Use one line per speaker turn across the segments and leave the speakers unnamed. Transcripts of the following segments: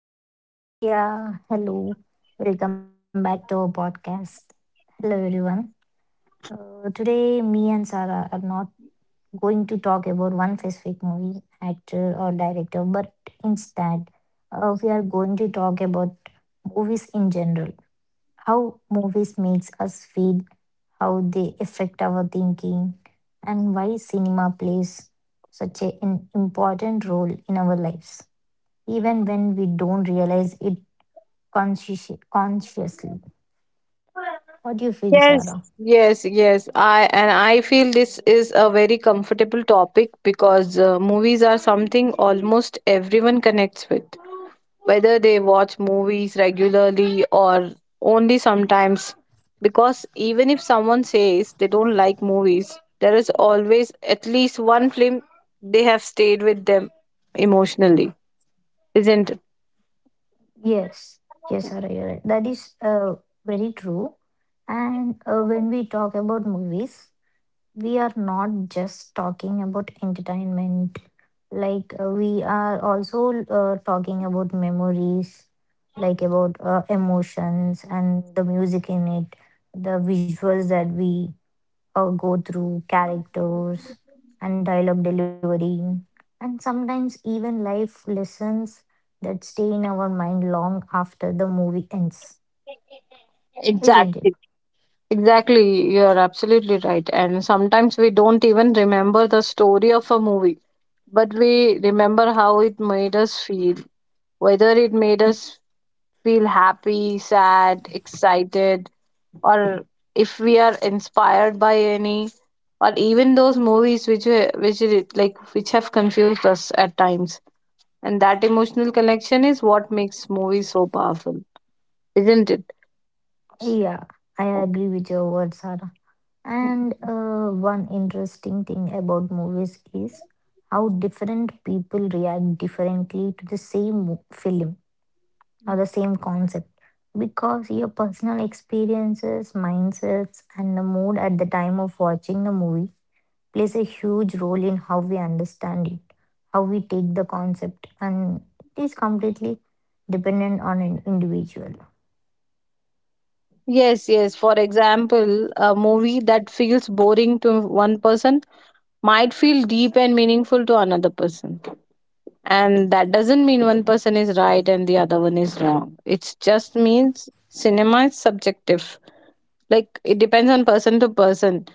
Hello, Akshay.
Yeah, hello. Welcome back to our podcast. Hello, everyone. Today, me and Sarah are not going to talk about one specific movie, actor, or director, but instead, we are going to talk about movies in general. How movies makes us feel, how they affect our thinking, and why cinema plays an important role in our lives, even when we don't realize it consciously. What do you feel, Sarah?
Yes. I feel this is a very comfortable topic because movies are something almost everyone connects with, whether they watch movies regularly or only sometimes. Because even if someone says they don't like movies, there is always at least one film they have stayed with them emotionally, isn't it?
Yes, yes, Sarah, you're right. That is very true. And when we talk about movies, we are not just talking about entertainment. Like we are also talking about memories, like about emotions and the music in it, the visuals that we go through, characters and dialogue delivery, and sometimes even life lessons that stay in our mind long after the movie ends, isn't it?
Exactly. Exactly, you are absolutely right. And sometimes we don't even remember the story of a movie, but we remember how it made us feel. Whether it made us feel happy, sad, excited, or if we are inspired by any, or even those movies which were- which it- like which have confused us at times. And that emotional connection is what makes movies so powerful, isn't it?
Yeah, I agree with your words, Sarah. And one interesting thing about movies is how different people react differently to the same film are the same concept, because your personal experiences, mindsets, and the mood at the time of watching the movie plays a huge role in how we understand it, how we take the concept, and it is completely dependent on an individual.
Yes, yes. For example, a movie that feels boring to one person might feel deep and meaningful to another person. And that doesn't mean one person is right and the other one is wrong. It just means cinema is subjective. Like, it depends on person to person.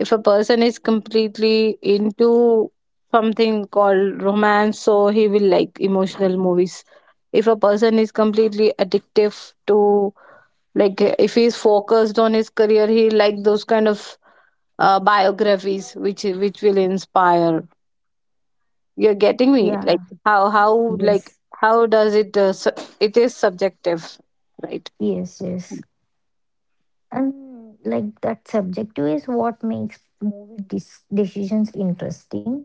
If a person is completely into something called romance, so he will like emotional movies. If a person is completely addictive to like if he's focused on his career he like those kind of biographies which will inspire you're getting me
Yeah,
like how like
yes,
how does it it is subjective, right?
yes, yes. And like that subjective is what makes movie decisions interesting,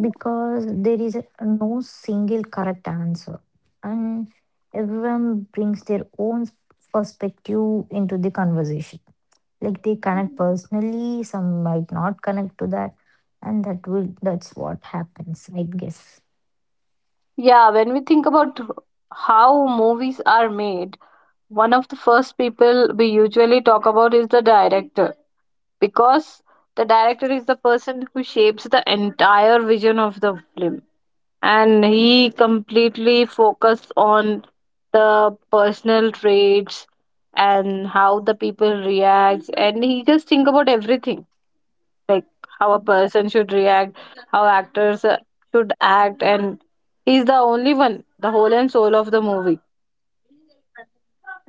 because there is no single correct answer, and everyone brings their own perspective into the conversation. Like, they connect personally, some might not connect to that, and that's what happens, I guess.
Yeah, when we think about how movies are made, one of the first people we usually talk about is the director because the director is the person who shapes the entire vision of the film and he completely focused on the personal traits and how the people react and he just think about everything, like how a person should react, how actors should act, and he's the only one, the whole and soul of the movie.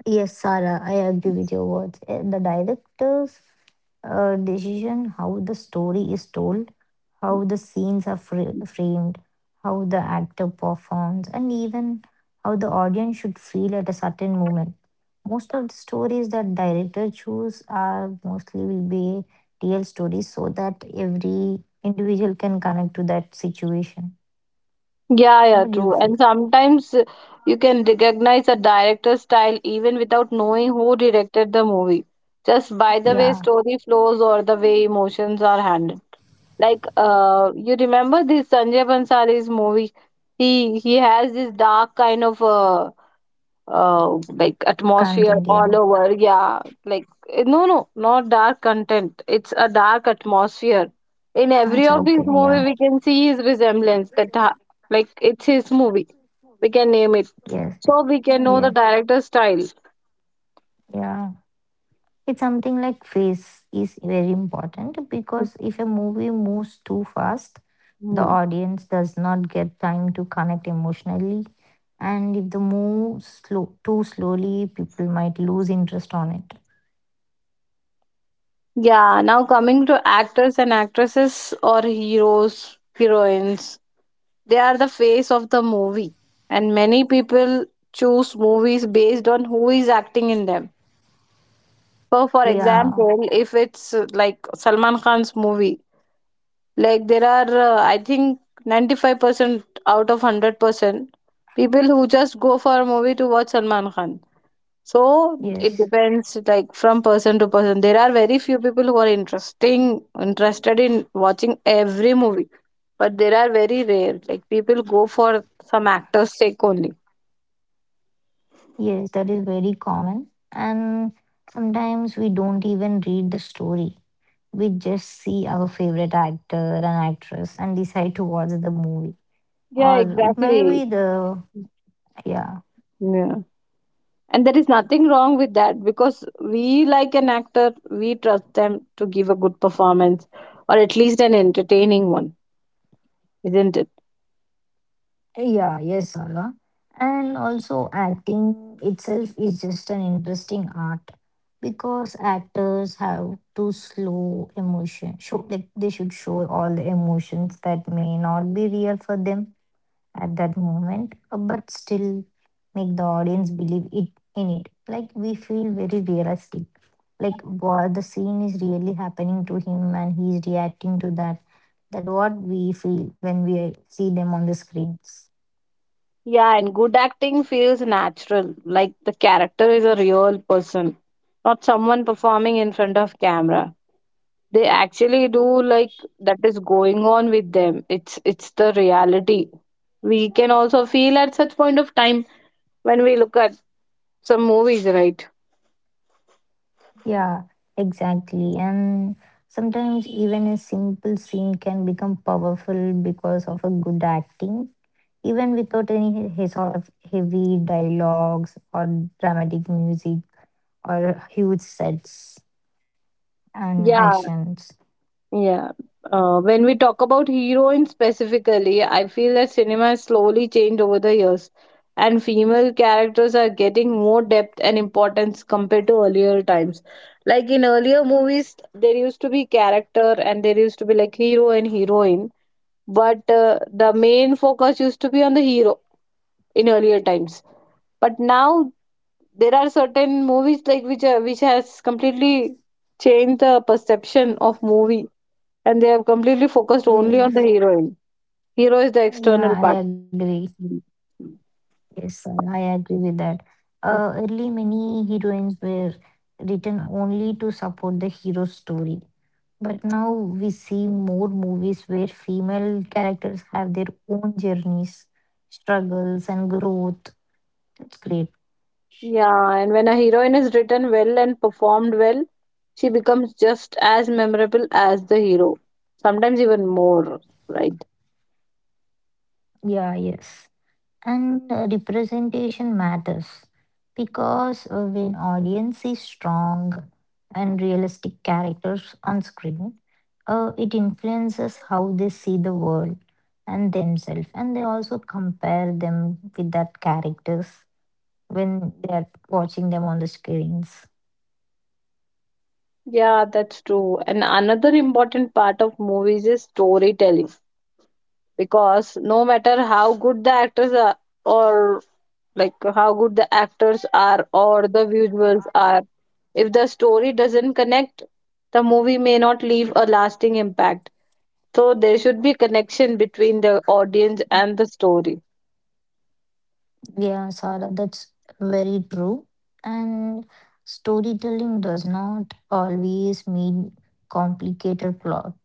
Yes, Sarah, I agree with your words. The director's decision, how the story is told, how the scenes are framed, how the actor performs, and even how the audience should feel at a certain moment. Most of the stories that director choose are mostly will be real stories, so that every individual can connect to that situation.
Yeah, yeah,
What do you
true.
feel?
And sometimes you can recognize a director's style even without knowing who directed the movie, just by the
Yeah,
way story flows or the way emotions are handled. Like, you remember this Sanjay Bansali's movie? He has this dark kind of like atmosphere
content. Yeah,
all over. Yeah, like no not dark content. It's a dark atmosphere. In every
that's
of his
okay. Yeah,
movie, we can see his resemblance. Like it's his movie. We can name it,
yes,
so we can know the
yes.
director's style.
Yeah. It's something like pace is very important, because if a movie moves too fast, the
Mhm.
audience does not get time to connect emotionally. And if the move slow too slowly, people might lose interest on it.
Yeah, now coming to actors and actresses or heroes, heroines. They are the face of the movie, and many people choose movies based on who is acting in them. So, for
Yeah,
example, if it's like Salman Khan's movie, like there are, I think, 95% out of 100% people who just go for a movie to watch Salman Khan. So, it
yes,
depends like from person to person. There are very few people who are interested in watching every movie, but there are very rare. Like people go for some actor's sake only.
yes, that is very common. And sometimes we don't even read the story. We just see our favorite actor and actress and decide to watch the movie.
Yeah,
Or it might
exactly.
be the, yeah.
Yeah. And there is nothing wrong with that because we like an actor, we trust them to give a good performance or at least an entertaining one, isn't it?
Yeah, yes, Sala. And also, acting itself is just an interesting art, because actors have to slow emotion. Show like they should show all the emotions that may not be real for them at that moment, but still make the audience believe it in it. Like we feel very realistic. Like what the scene is really happening to him, and he's reacting to that. That what we feel when we see them on the screens.
Yeah, and good acting feels natural, like the character is a real person, not someone performing in front of camera. They actually do like that is going on with them, it's the reality. We can also feel at such point of time when we look at some movies, right?
Yeah, exactly. And sometimes even a simple scene can become powerful because of a good acting, even without any sort of heavy dialogues or dramatic music or huge sets and
Yeah,
actions.
yeah. When we talk about heroines specifically, I feel that cinema has slowly changed over the years and female characters are getting more depth and importance compared to earlier times. Like in earlier movies there used to be character and there used to be like hero and heroine, but the main focus used to be on the hero in earlier times, but now there are certain movies like which has completely changed the perception of movie and they have completely focused only on the
Yes.
heroine. Hero is the
Yeah,
external
I
part.
agree.
Mhm.
Yes, sir. I agree with that. Early, many heroines were written only to support the hero story. But now we see more movies where female characters have their own journeys, struggles, and growth. That's great.
Yeah, and when a heroine is written well and performed well, she becomes just as memorable as the hero, sometimes even more, right?
Yeah, yes. And representation matters, because when audience sees strong and realistic characters on screen, it influences how they see the world and themselves, and they also compare them with that characters when they are watching them on the screens.
Yeah, that's true. And another important part of movies is storytelling because no matter how good the actors are, or the visuals are, if the story doesn't connect, the movie may not leave a lasting impact. So there should be connection between the audience and the story.
Yeah, Sara, that's very true. And storytelling does not always mean complicated plot.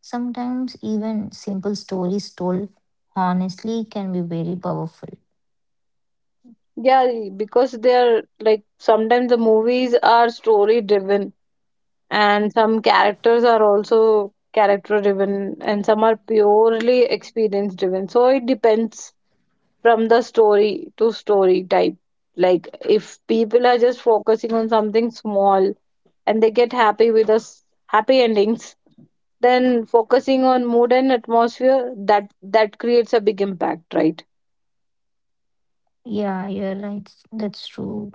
Sometimes even simple stories told honestly can be very powerful.
Yeah, because they are like sometimes the movies are story driven and some characters are also character driven and some are purely experience driven, so it depends from the story to story type. Like if people are just focusing on something small and they get happy with us, happy endings, then focusing on mood and atmosphere, that creates a big impact, right?
Yeah, you're right. That's true.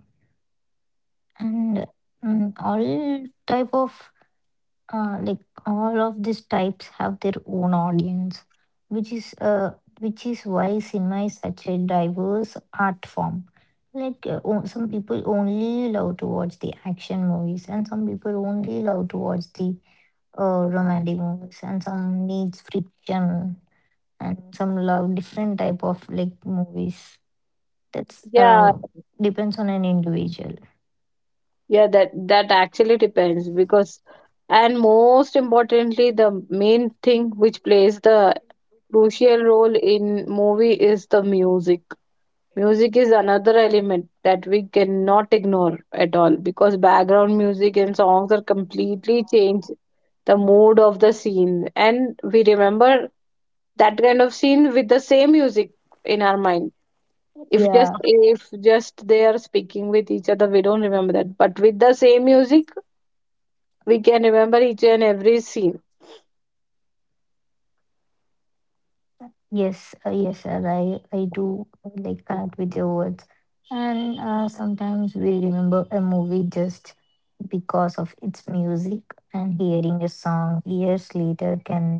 And all type of like all of these types have their own audience, which is uh which is why cinema is such a diverse art form. Like some people only love to watch the action movies, and some people only love to watch the romantic movies, and some needs friction, and some love different type of like movies. That's
Yeah,
depends on an individual.
yeah, that that actually depends because, and most importantly the main thing which plays the crucial role in movie is the music. Music is another element that we cannot ignore at all because background music and songs are completely change the mood of the scene and we remember that kind of scene with the same music in our mind.
Yeah.
If just they are speaking with each other we don't remember that, but with the same music we can remember each and every scene.
Yes, yes, sir, I do, like, connect with your words. And sometimes we remember a movie just because of its music, and hearing a song years later can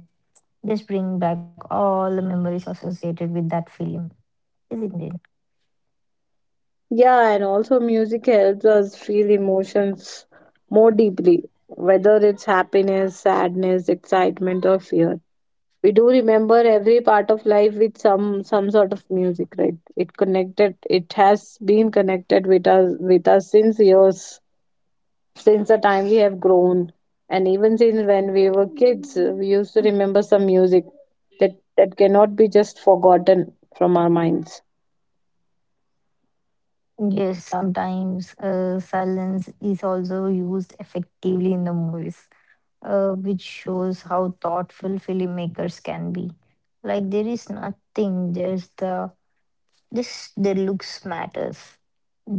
just bring back all the memories associated with that film, isn't it?
Yeah, and also music helps us feel emotions more deeply, whether it's happiness, sadness, excitement, or fear. We do remember every part of life with some sort of music, right? It connected. It has been connected with us since years, since the time we have grown, and even since when we were kids, we used to remember some music that cannot be just forgotten from our minds.
Yes, sometimes silence is also used effectively in the movies, which shows how thoughtful filmmakers can be. Like there is nothing, just the this their looks matters.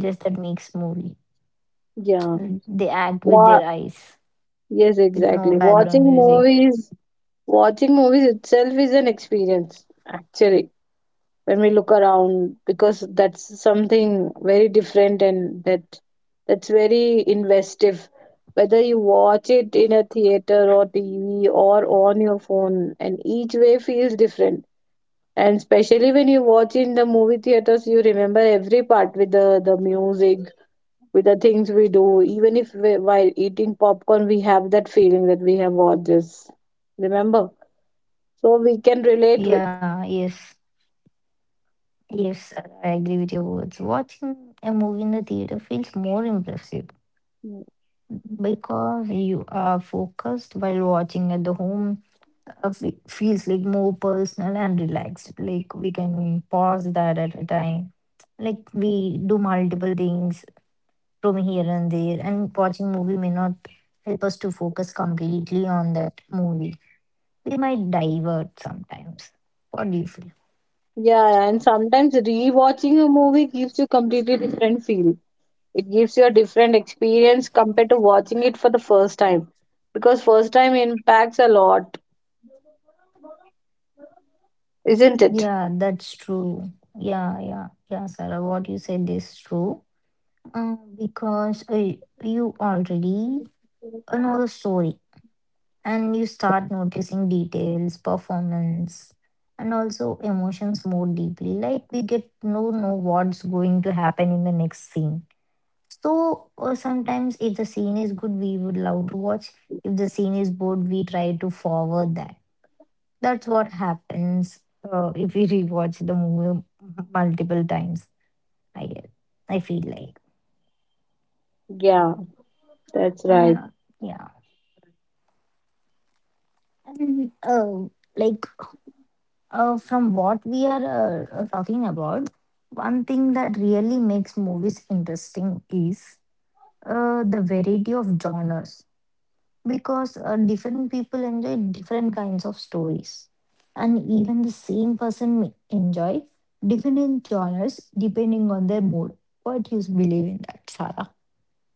Just that makes movie.
Yeah.
And they act with
Wha
their eyes,
Yes,
with
exactly.
no background music.
Watching movies itself is an experience, actually, when we look around, because that's something very different and that's very investive. Whether you watch it in a theater or TV or on your phone, and each way feels different. And especially when you watch in the movie theaters, you remember every part with the music, with the things we do. Even if we, while eating popcorn, we have that feeling that we have watched this. Remember? So we can relate with.
Yeah, yes, yes, I agree with your words. Watching a movie in the theater feels more impressive because you are focused, while watching at the home feels like more personal and relaxed. Like we can pause that at a time. Like we do multiple things from here and there, and watching movie may not help us to focus completely on that movie. We might divert sometimes. What do you feel?
Yeah, and sometimes rewatching a movie gives you completely different feel. It gives you a different experience compared to watching it for the first time. Because first time impacts a lot, isn't it?
Yeah, that's true. Yeah, Sarah. What you said is true. Because you already know the story, and you start noticing details, performance, and also emotions more deeply. Like we get to know what's going to happen in the next scene. So sometimes, if the scene is good, we would love to watch. If the scene is bored, we try to forward that. That's what happens if we rewatch the movie multiple times. I guess I feel like
Yeah, that's right.
uh, yeah, and like. From what we are talking about, one thing that really makes movies interesting is the variety of genres, because different people enjoy different kinds of stories, and even the same person may enjoy different genres depending on their mood. What do you believe in that, Sarah?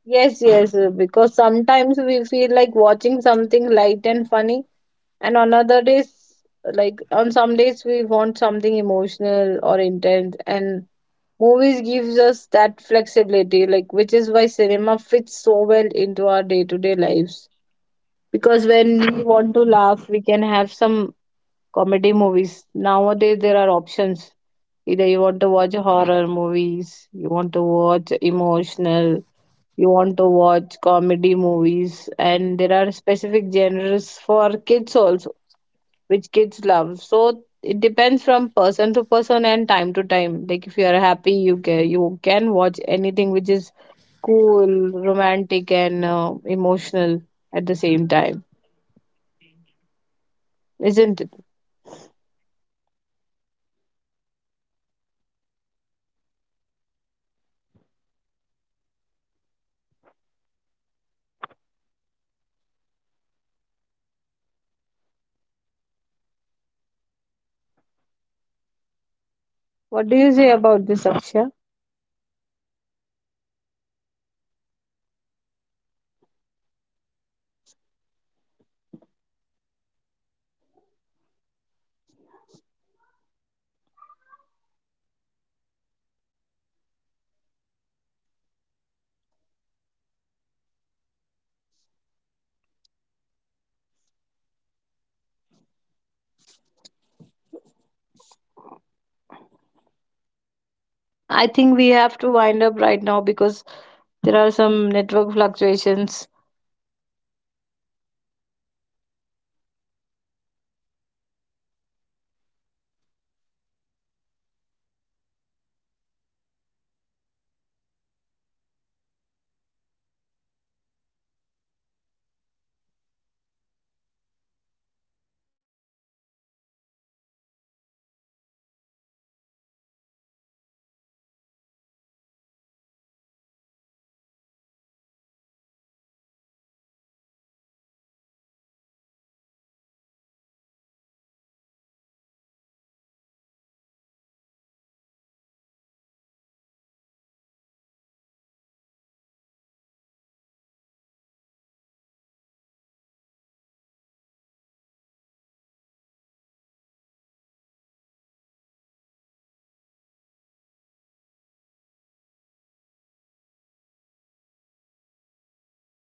Yes, yes, because sometimes we feel like watching something light and funny, and on other days, like on some days we want something emotional or intense, and movies gives us that flexibility, like which is why cinema fits so well into our day-to-day lives. Because when we want to laugh we can have some comedy movies. Nowadays there are options, either you want to watch horror movies, you want to watch emotional, you want to watch comedy movies, and there are specific genres for kids also, which kids love. So it depends from person to person and time to time. Like if you are happy, you can watch anything which is cool, romantic, and emotional at the same time, isn't it? What do you say about this, Aksha? I think we have to wind up right now because there are some network fluctuations.